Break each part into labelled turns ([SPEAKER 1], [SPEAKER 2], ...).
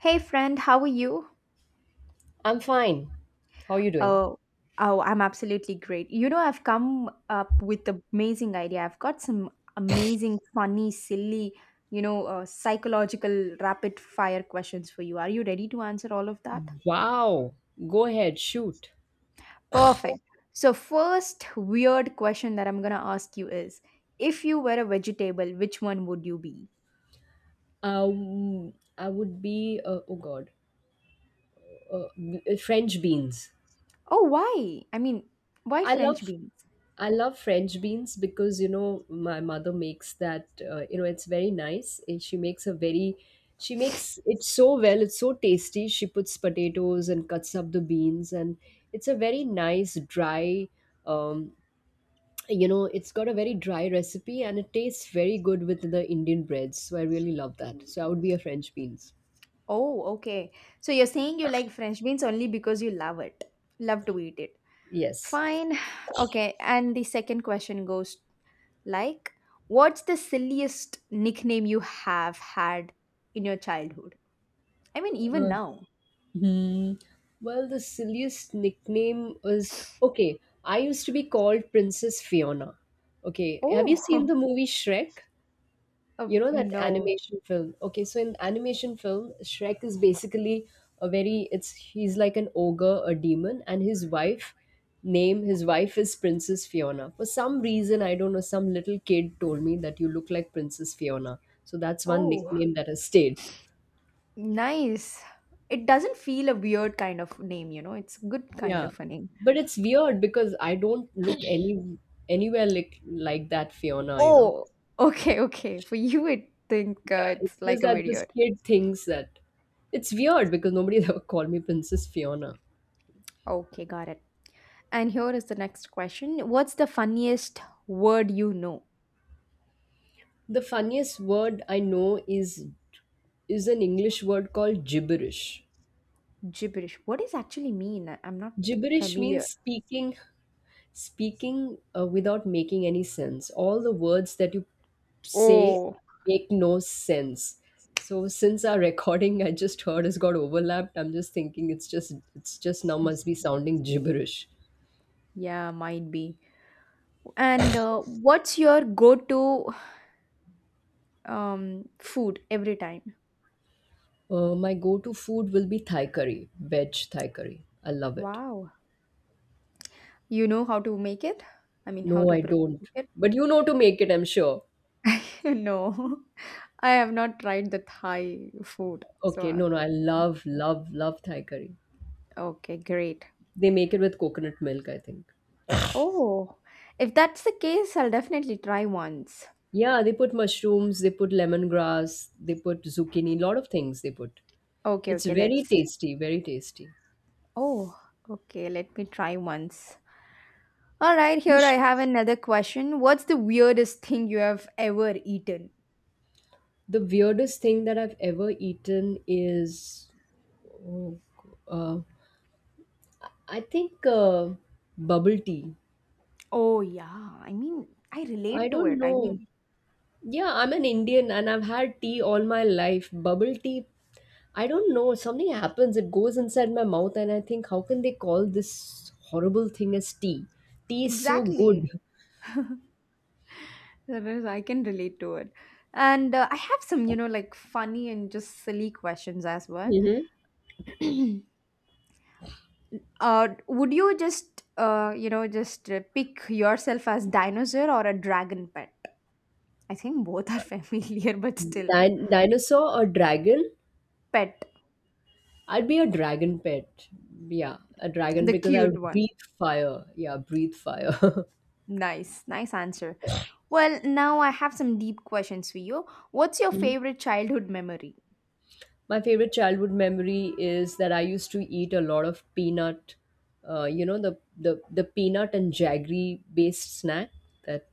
[SPEAKER 1] Hey friend, how are you?
[SPEAKER 2] I'm fine. How are you doing?
[SPEAKER 1] Oh, oh, I'm absolutely great. You know, I've come up with an amazing idea. I've got some amazing, funny, silly, you know, psychological rapid fire questions for you. Are you ready to answer all of that?
[SPEAKER 2] Wow. Go ahead, shoot.
[SPEAKER 1] Perfect. So, first weird question that I'm going to ask you is, if you were a vegetable, which one would you be?
[SPEAKER 2] I would be oh god, French beans.
[SPEAKER 1] Oh, why? I mean, why
[SPEAKER 2] I
[SPEAKER 1] French
[SPEAKER 2] love
[SPEAKER 1] beans?
[SPEAKER 2] I love French beans because you know my mother makes that you know it's very nice. And She makes a very she makes it so well. It's so tasty. She puts potatoes and cuts up the beans, and it's a very nice dry um, you know it's got a very dry recipe and it tastes very good with the indian breads, so I really love that, so I would be a french beans.
[SPEAKER 1] Oh, okay. So you're saying you like French beans only because you love it. Love to eat it.
[SPEAKER 2] Yes.
[SPEAKER 1] Fine. Okay. And the second question goes like, what's the silliest nickname you have had in your childhood? I mean, even
[SPEAKER 2] Uh,
[SPEAKER 1] now.
[SPEAKER 2] hmm well, the silliest nickname was, okay, I used to be called Princess Fiona. Okay, have you
[SPEAKER 1] Oh,
[SPEAKER 2] seen the movie Shrek? You
[SPEAKER 1] oh,
[SPEAKER 2] know, that
[SPEAKER 1] no.
[SPEAKER 2] animation film? Okay, so in animation film Shrek is basically a very, it's he's like an ogre, a demon, and his wife name his wife is Princess Fiona. For some reason I don't know, some little kid told me that you look like Princess Fiona, so that's one
[SPEAKER 1] Oh,
[SPEAKER 2] nickname that has stayed.
[SPEAKER 1] nice. It doesn't feel a weird kind of name, it's good kind
[SPEAKER 2] Yeah,
[SPEAKER 1] of a name.
[SPEAKER 2] but it's weird because I don't look any anywhere like that Fiona, you know.
[SPEAKER 1] Oh, okay, okay. For you, I think
[SPEAKER 2] Yeah,
[SPEAKER 1] it's
[SPEAKER 2] it's just
[SPEAKER 1] like a
[SPEAKER 2] that this
[SPEAKER 1] weird.
[SPEAKER 2] kid thinks that it's weird because nobody ever called me Princess Fiona.
[SPEAKER 1] Okay, got it. And here is the next question. What's the funniest word you know?
[SPEAKER 2] The funniest word I know is an English word called gibberish.
[SPEAKER 1] Gibberish. What does actually mean? I'm not
[SPEAKER 2] Gibberish means
[SPEAKER 1] familiar.
[SPEAKER 2] speaking without making any sense. All the words that you say
[SPEAKER 1] Oh,
[SPEAKER 2] make no sense. So, since our recording I just heard has got overlapped, I'm just thinking it's just now must be sounding gibberish.
[SPEAKER 1] yeah, might be. And what's your go-to food every time?
[SPEAKER 2] My go-to food will be Thai curry, veg Thai curry. I love it.
[SPEAKER 1] Wow. You know how to make it? I mean, how
[SPEAKER 2] No,
[SPEAKER 1] to
[SPEAKER 2] I
[SPEAKER 1] prepare
[SPEAKER 2] don't.
[SPEAKER 1] it?
[SPEAKER 2] But you know to make it, I'm sure.
[SPEAKER 1] No, I have not tried the Thai food. So,
[SPEAKER 2] Okay, no, no, I love, love, love Thai curry.
[SPEAKER 1] okay, great.
[SPEAKER 2] They make it with coconut milk, I think.
[SPEAKER 1] Oh, if that's the case, I'll definitely try once.
[SPEAKER 2] Yeah, they put mushrooms, they put lemongrass, they put zucchini, lot of things they put.
[SPEAKER 1] Okay,
[SPEAKER 2] It's
[SPEAKER 1] okay,
[SPEAKER 2] very
[SPEAKER 1] let's.
[SPEAKER 2] tasty, very tasty.
[SPEAKER 1] Oh, okay, let me try once. All right,
[SPEAKER 2] You
[SPEAKER 1] here I
[SPEAKER 2] sh-
[SPEAKER 1] have another question. What's the weirdest thing you have ever eaten?
[SPEAKER 2] the weirdest thing that I've ever eaten is, oh, uh, I think bubble tea.
[SPEAKER 1] Oh, yeah. I mean, I
[SPEAKER 2] I
[SPEAKER 1] relate to
[SPEAKER 2] don't
[SPEAKER 1] it. I
[SPEAKER 2] know.
[SPEAKER 1] mean,
[SPEAKER 2] Yeah, I'm an Indian and I've had tea all my life. Bubble tea, I don't know, something happens, it goes inside my mouth, and I think, how can they call this horrible thing as tea? Tea is so
[SPEAKER 1] exactly.
[SPEAKER 2] good.
[SPEAKER 1] That is, I can relate to it. And I have some, you know, like funny and just silly questions as well.
[SPEAKER 2] Hmm.
[SPEAKER 1] Would you just, you know, just pick yourself as dinosaur or a dragon pet? I think both are familiar, but still,
[SPEAKER 2] Dinosaur or dragon?
[SPEAKER 1] pet,
[SPEAKER 2] I'd be a dragon pet. Yeah, a dragon
[SPEAKER 1] the
[SPEAKER 2] because I
[SPEAKER 1] cute
[SPEAKER 2] would
[SPEAKER 1] one.
[SPEAKER 2] breathe fire. Yeah, breathe fire.
[SPEAKER 1] Nice, nice answer. Well, now I have some deep questions for you. What's your favorite childhood memory?
[SPEAKER 2] My favorite childhood memory is that I used to eat a lot of peanut, you know, the peanut and jaggery based snack that,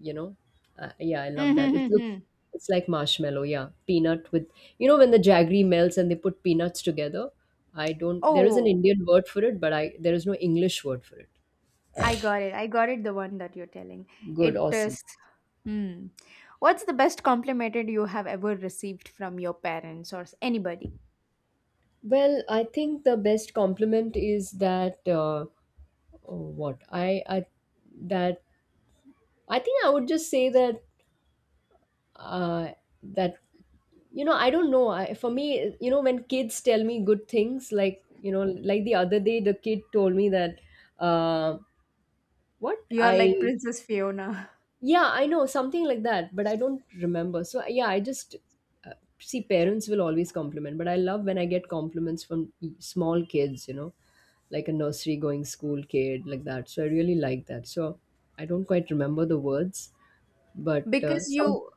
[SPEAKER 2] you know, yeah, I love that. It looks,
[SPEAKER 1] Mm-hmm.
[SPEAKER 2] it's like marshmallow, yeah. Peanut with, you know, when the jaggery melts and they put peanuts together, I don't, there is an
[SPEAKER 1] Oh,
[SPEAKER 2] Indian word for it, but I, there is no English word for it.
[SPEAKER 1] I got it. I got it. The one that you're telling.
[SPEAKER 2] Good,
[SPEAKER 1] It
[SPEAKER 2] awesome.
[SPEAKER 1] is. Hmm. What's the best compliment you have ever received from your parents or anybody?
[SPEAKER 2] Well, I think the best compliment is that, oh, what? I, I, that I think I would just say that, uh, that you know, I don't know, I, for me, you know, when kids tell me good things, like, you know, like the other day the kid told me that, uh, what
[SPEAKER 1] You're like
[SPEAKER 2] I
[SPEAKER 1] Princess Fiona.
[SPEAKER 2] yeah, I know something like that, but I don't remember. So, yeah, I just, uh, see, parents will always compliment, but I love when I get compliments from small kids, you know, like a nursery going school kid, like that. So I really like that. So I don't quite remember the words, but
[SPEAKER 1] Because
[SPEAKER 2] some.
[SPEAKER 1] you,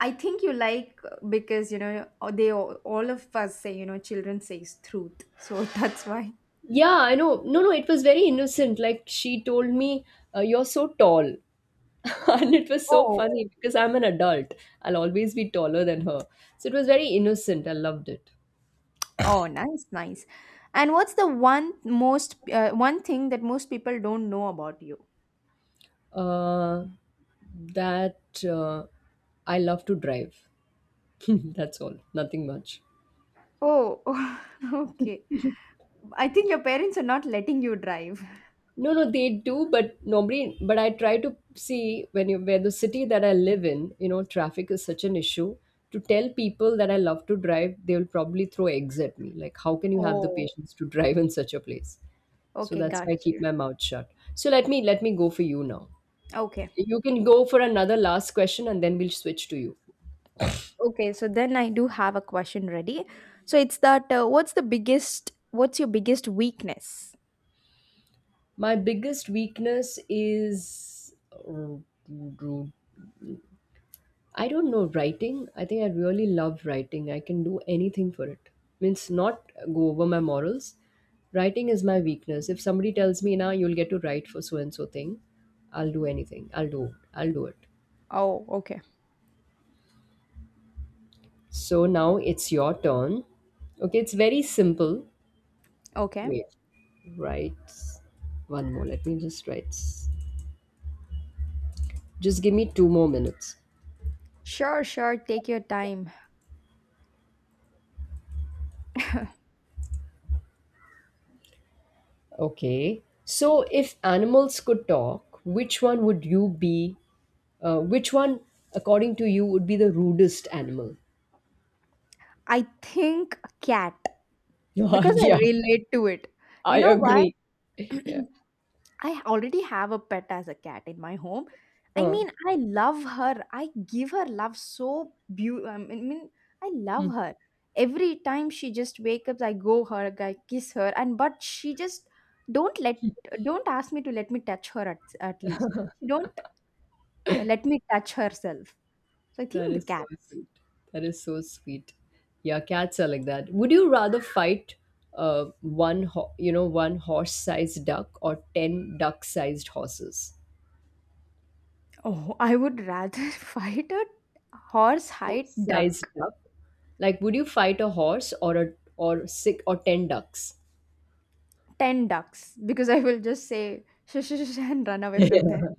[SPEAKER 1] I think you like because you know they all of us say you know children says truth, so that's why.
[SPEAKER 2] Yeah, I know. No, no, it was very innocent. Like she told me, "You're so tall," and it was so
[SPEAKER 1] Oh,
[SPEAKER 2] funny because I'm an adult. I'll always be taller than her. So it was very innocent. I loved it.
[SPEAKER 1] oh, nice, nice. And what's the one most one thing that most people don't know about you?
[SPEAKER 2] Uh, that I love to drive. That's all. Nothing much.
[SPEAKER 1] Oh, okay. I think your parents are not letting you drive.
[SPEAKER 2] No, no, they do, but nobody. But I try to see when you where the city that I live in, you know, traffic is such an issue. To tell people that I love to drive, they will probably throw eggs at me. Like, how can you have the
[SPEAKER 1] Oh,
[SPEAKER 2] patience to drive in such a place? So
[SPEAKER 1] okay,
[SPEAKER 2] that's
[SPEAKER 1] got
[SPEAKER 2] why I keep
[SPEAKER 1] you.
[SPEAKER 2] my mouth shut. So let me go for you now.
[SPEAKER 1] Okay.
[SPEAKER 2] You can go for another last question, and then we'll switch to you.
[SPEAKER 1] Okay, so then I do have a question ready. So it's that what's the biggest, what's your biggest weakness?
[SPEAKER 2] My biggest weakness is I don't know writing. I think I really love writing. I can do anything for it. Means not go over my morals. Writing is my weakness. If somebody tells me now you'll get to write for so and so thing, I'll do anything. I'll do. I'll do it.
[SPEAKER 1] Oh, okay.
[SPEAKER 2] So now it's your turn. Okay, it's very simple.
[SPEAKER 1] Okay.
[SPEAKER 2] Wait. Write one more. Let me just write. S- Just give me two more minutes.
[SPEAKER 1] Sure, sure, take your time.
[SPEAKER 2] Okay. So if animals could talk, which one would you be? Which one, according to you, would be the rudest animal?
[SPEAKER 1] I think cat,
[SPEAKER 2] Yeah,
[SPEAKER 1] because I
[SPEAKER 2] yeah,
[SPEAKER 1] relate to it. You
[SPEAKER 2] I
[SPEAKER 1] know why?
[SPEAKER 2] agree. Yeah.
[SPEAKER 1] I already have a pet as a cat in my home. I
[SPEAKER 2] Uh,
[SPEAKER 1] mean, I love her. I give her love so beautiful. I mean, I
[SPEAKER 2] mm,
[SPEAKER 1] love her. Every time she just wake up, I go her, I kiss her, and but she just don't let, don't ask me to let me touch her at least. She don't let me touch herself. So I
[SPEAKER 2] that
[SPEAKER 1] think the
[SPEAKER 2] is so
[SPEAKER 1] cat.
[SPEAKER 2] sweet. That is so sweet. Yeah, cats are like that. Would you rather fight one, ho- you know, one horse-sized duck or 10 duck-sized horses?
[SPEAKER 1] Oh, I would rather fight a horse-hide
[SPEAKER 2] Horse-sized
[SPEAKER 1] duck,
[SPEAKER 2] duck? Like, would you fight a horse or a or six or 10 ducks?
[SPEAKER 1] ten ducks, because I will just say shush, shush, shush, and run away from them.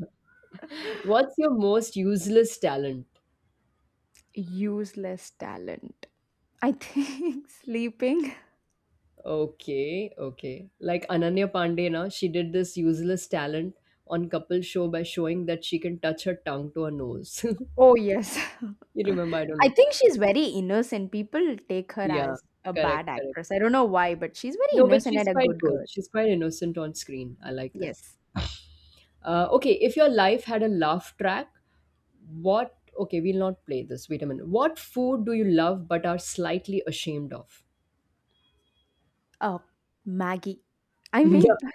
[SPEAKER 2] What's your most useless talent?
[SPEAKER 1] Useless talent. I think sleeping.
[SPEAKER 2] Okay, okay. Like Ananya Pandey, na, she did this useless talent on couple show by showing that she can touch her tongue to her nose.
[SPEAKER 1] Oh, yes.
[SPEAKER 2] You remember? I don't
[SPEAKER 1] I
[SPEAKER 2] know.
[SPEAKER 1] think she's very innocent. People take her
[SPEAKER 2] Yeah,
[SPEAKER 1] as a
[SPEAKER 2] correct,
[SPEAKER 1] bad
[SPEAKER 2] correct.
[SPEAKER 1] actress. I don't know why, but she's very
[SPEAKER 2] No, but
[SPEAKER 1] innocent
[SPEAKER 2] she's
[SPEAKER 1] and a
[SPEAKER 2] quite
[SPEAKER 1] good
[SPEAKER 2] good.
[SPEAKER 1] girl.
[SPEAKER 2] She's quite innocent on screen. I like that.
[SPEAKER 1] Yes.
[SPEAKER 2] Okay, if your life had a laugh track, what? Okay, we'll not play this. Wait a minute. What food do you love but are slightly ashamed of?
[SPEAKER 1] Oh, Maggie. I mean,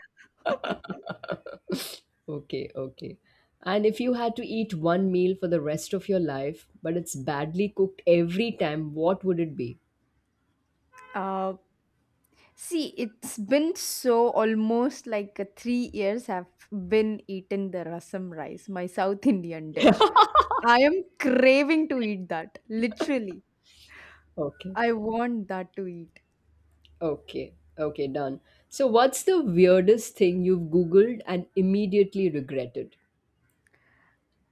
[SPEAKER 2] Okay, okay. And if you had to eat one meal for the rest of your life, but it's badly cooked every time, what would it be?
[SPEAKER 1] uh, see, it's been so almost like 3 years I've been eating the rasam rice, my South Indian dish. I am craving to eat that. Literally,
[SPEAKER 2] Okay,
[SPEAKER 1] I want that to eat.
[SPEAKER 2] okay, okay, done. So, what's the weirdest thing you've Googled and immediately regretted?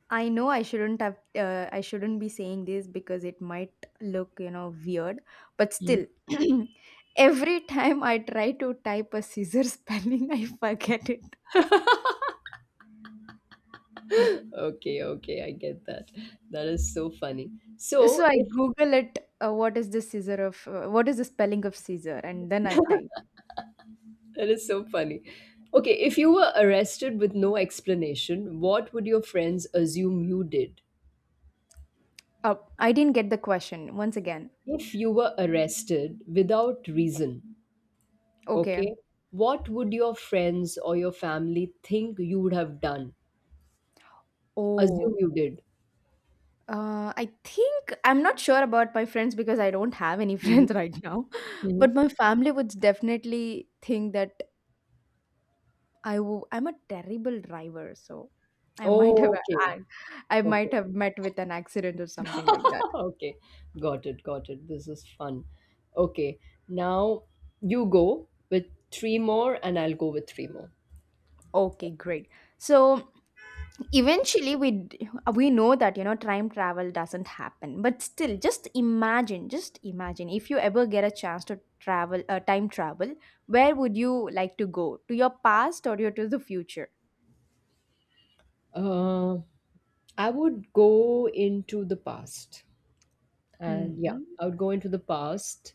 [SPEAKER 1] I know I shouldn't have I shouldn't be saying this because it might look, you know, weird, but
[SPEAKER 2] Mm.
[SPEAKER 1] still every time I try to type a scissor spelling, I forget it.
[SPEAKER 2] Okay, okay, I get that. That is so funny. So,
[SPEAKER 1] So I
[SPEAKER 2] if
[SPEAKER 1] google it, what is the scissor of what is the spelling of scissor, and then I type.
[SPEAKER 2] that is so funny. Okay, if you were arrested with no explanation, what would your friends assume you did?
[SPEAKER 1] Up. I didn't get the question once again.
[SPEAKER 2] If you were arrested without reason,
[SPEAKER 1] Okay.
[SPEAKER 2] okay. What would your friends or your family think you would have done? Assume
[SPEAKER 1] Oh.
[SPEAKER 2] you did.
[SPEAKER 1] I think I'm not sure about my friends because I don't have any
[SPEAKER 2] Hmm.
[SPEAKER 1] friends right now.
[SPEAKER 2] Hmm.
[SPEAKER 1] But my family would definitely think that I'm a terrible driver, so I might have
[SPEAKER 2] Oh, okay.
[SPEAKER 1] I, I
[SPEAKER 2] Okay.
[SPEAKER 1] might have met with an accident or something like that.
[SPEAKER 2] Okay. Got it. Got it. This is fun. Okay. Now you go with three more, and I'll go with three more.
[SPEAKER 1] Okay, great. So eventually we know that you know time travel doesn't happen, but still, just imagine if you ever get a chance to travel, time travel, where would you like to go? To your past or your to the future?
[SPEAKER 2] Uh, I would go into the past. And yeah,
[SPEAKER 1] Mm-hmm.
[SPEAKER 2] I would go into the past.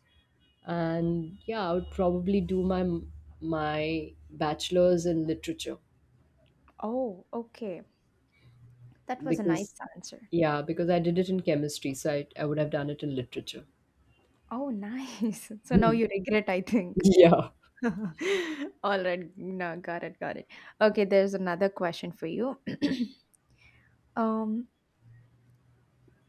[SPEAKER 2] And yeah, I would probably do my bachelor's in literature.
[SPEAKER 1] Oh, okay. That was a nice
[SPEAKER 2] Because
[SPEAKER 1] answer.
[SPEAKER 2] yeah, because I did it in chemistry, so I would have done it in literature.
[SPEAKER 1] Oh, nice. So now
[SPEAKER 2] Hmm.
[SPEAKER 1] you regret, I think.
[SPEAKER 2] Yeah.
[SPEAKER 1] All right. No, got it, got it. Okay, there's another question for you. um,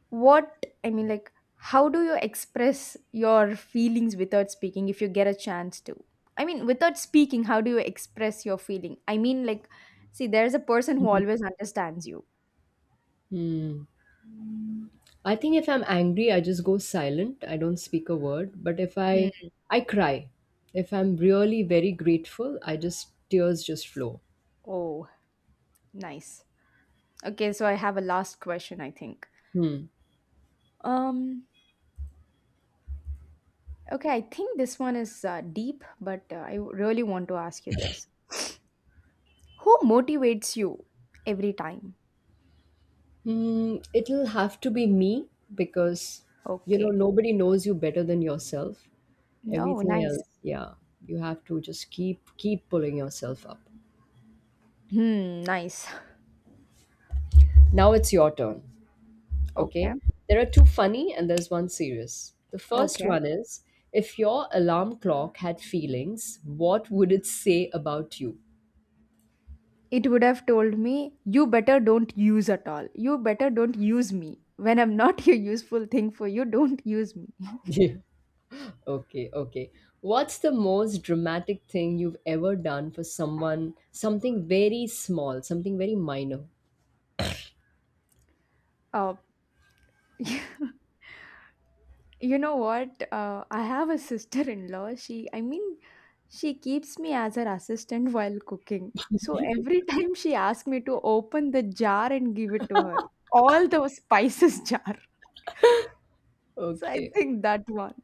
[SPEAKER 1] what, I mean, like, how do you express your feelings without speaking if you get a chance to? I mean, without speaking, how do you express your feeling? I mean, like, see, there's a person who
[SPEAKER 2] Mhm.
[SPEAKER 1] always understands you.
[SPEAKER 2] Hmm. I think if I'm angry, I just go silent. I don't speak a word. But if I
[SPEAKER 1] Hmm.
[SPEAKER 2] I cry. If I'm really very grateful, I just tears just flow.
[SPEAKER 1] Oh, nice. Okay, so I have a last question, I think.
[SPEAKER 2] Hmm.
[SPEAKER 1] Um, okay, I think this one is deep, but I really want to ask you this. Who motivates you every time?
[SPEAKER 2] Hmm. It'll have to be me because you know
[SPEAKER 1] Okay.
[SPEAKER 2] nobody knows you better than yourself.
[SPEAKER 1] No,
[SPEAKER 2] Everything
[SPEAKER 1] nice.
[SPEAKER 2] else, yeah, you have to just keep pulling yourself up.
[SPEAKER 1] Hmm, nice.
[SPEAKER 2] Now it's your turn. Okay.
[SPEAKER 1] Okay.
[SPEAKER 2] There are two funny and there's one serious. The first
[SPEAKER 1] Okay.
[SPEAKER 2] one is if your alarm clock had feelings, what would it say about you?
[SPEAKER 1] It would have told me, you better don't use at all. You better don't use me. When I'm not a useful thing for you, don't use me.
[SPEAKER 2] Yeah. Okay, okay. What's the most dramatic thing you've ever done for someone? Something very small, something very minor.
[SPEAKER 1] Uh, you know what? I have a sister-in-law. She, I mean, she keeps me as her assistant while cooking. So every time she asks me to open the jar and give it to her, all the spices jar. So I
[SPEAKER 2] Okay.
[SPEAKER 1] think that one.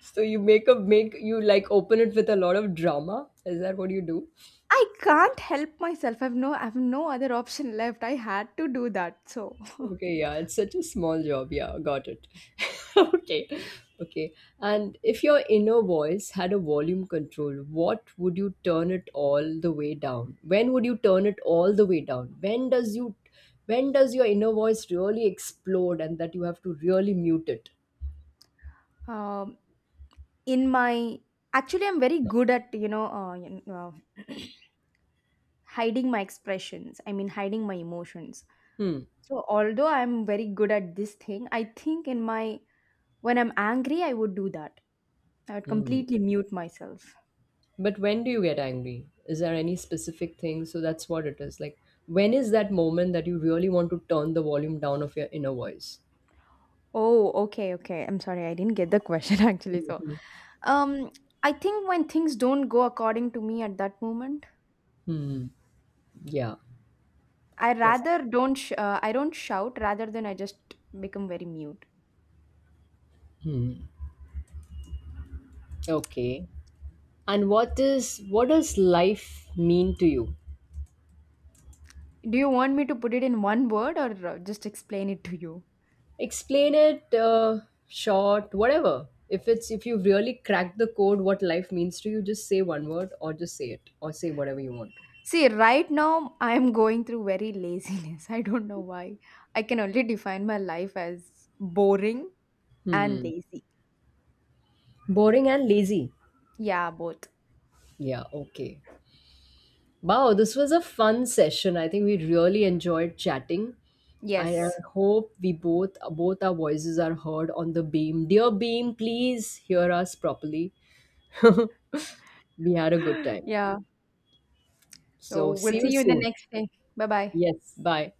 [SPEAKER 2] So you make a make you like open it with a lot of drama? Is that what you do?
[SPEAKER 1] I can't help myself. I've no other option left. I had to do that. So
[SPEAKER 2] Okay, yeah, it's such a small job. Yeah, got it. Okay, okay. And if your inner voice had a volume control, what would you turn it all the way down? When would you turn it all the way down? When does your inner voice really explode and that you have to really mute it?
[SPEAKER 1] um in my, actually I'm very good at, you know hiding my expressions. I mean hiding my emotions.
[SPEAKER 2] Hmm.
[SPEAKER 1] So although I'm very good at this thing, I think in my, when I'm angry I would do that. I would
[SPEAKER 2] Hmm.
[SPEAKER 1] completely mute myself.
[SPEAKER 2] But when do you get angry? Is there any specific thing? So that's what it is. Like, when is that moment that you really want to turn the volume down of your inner voice?
[SPEAKER 1] Oh, okay, okay. I'm sorry. I didn't get the question actually. So
[SPEAKER 2] Hmm.
[SPEAKER 1] Um, I think when things don't go according to me at that moment,
[SPEAKER 2] Hmm. Yeah.
[SPEAKER 1] I
[SPEAKER 2] Yes.
[SPEAKER 1] rather don't I don't shout, rather than I just become very mute.
[SPEAKER 2] Hmm. Okay. And what does life mean to you?
[SPEAKER 1] Do you want me to put it in one word or just explain it to you?
[SPEAKER 2] Explain it short, whatever. If it's if you really crack the code, what life means to you, just say one word, or just say it, or say whatever you want.
[SPEAKER 1] See, right now I am going through very laziness. I don't know why. I can only define my life as boring and
[SPEAKER 2] Hmm.
[SPEAKER 1] lazy.
[SPEAKER 2] Boring and lazy.
[SPEAKER 1] Yeah, both.
[SPEAKER 2] Yeah. Okay. Wow, this was a fun session. I think we really enjoyed chatting. I
[SPEAKER 1] Yes.
[SPEAKER 2] hope we both our voices are heard on the beam. Dear beam, please hear us properly. We had a good time.
[SPEAKER 1] Yeah. So
[SPEAKER 2] So see
[SPEAKER 1] we'll see
[SPEAKER 2] you
[SPEAKER 1] you in the
[SPEAKER 2] soon.
[SPEAKER 1] next day. Bye bye.
[SPEAKER 2] Yes, bye.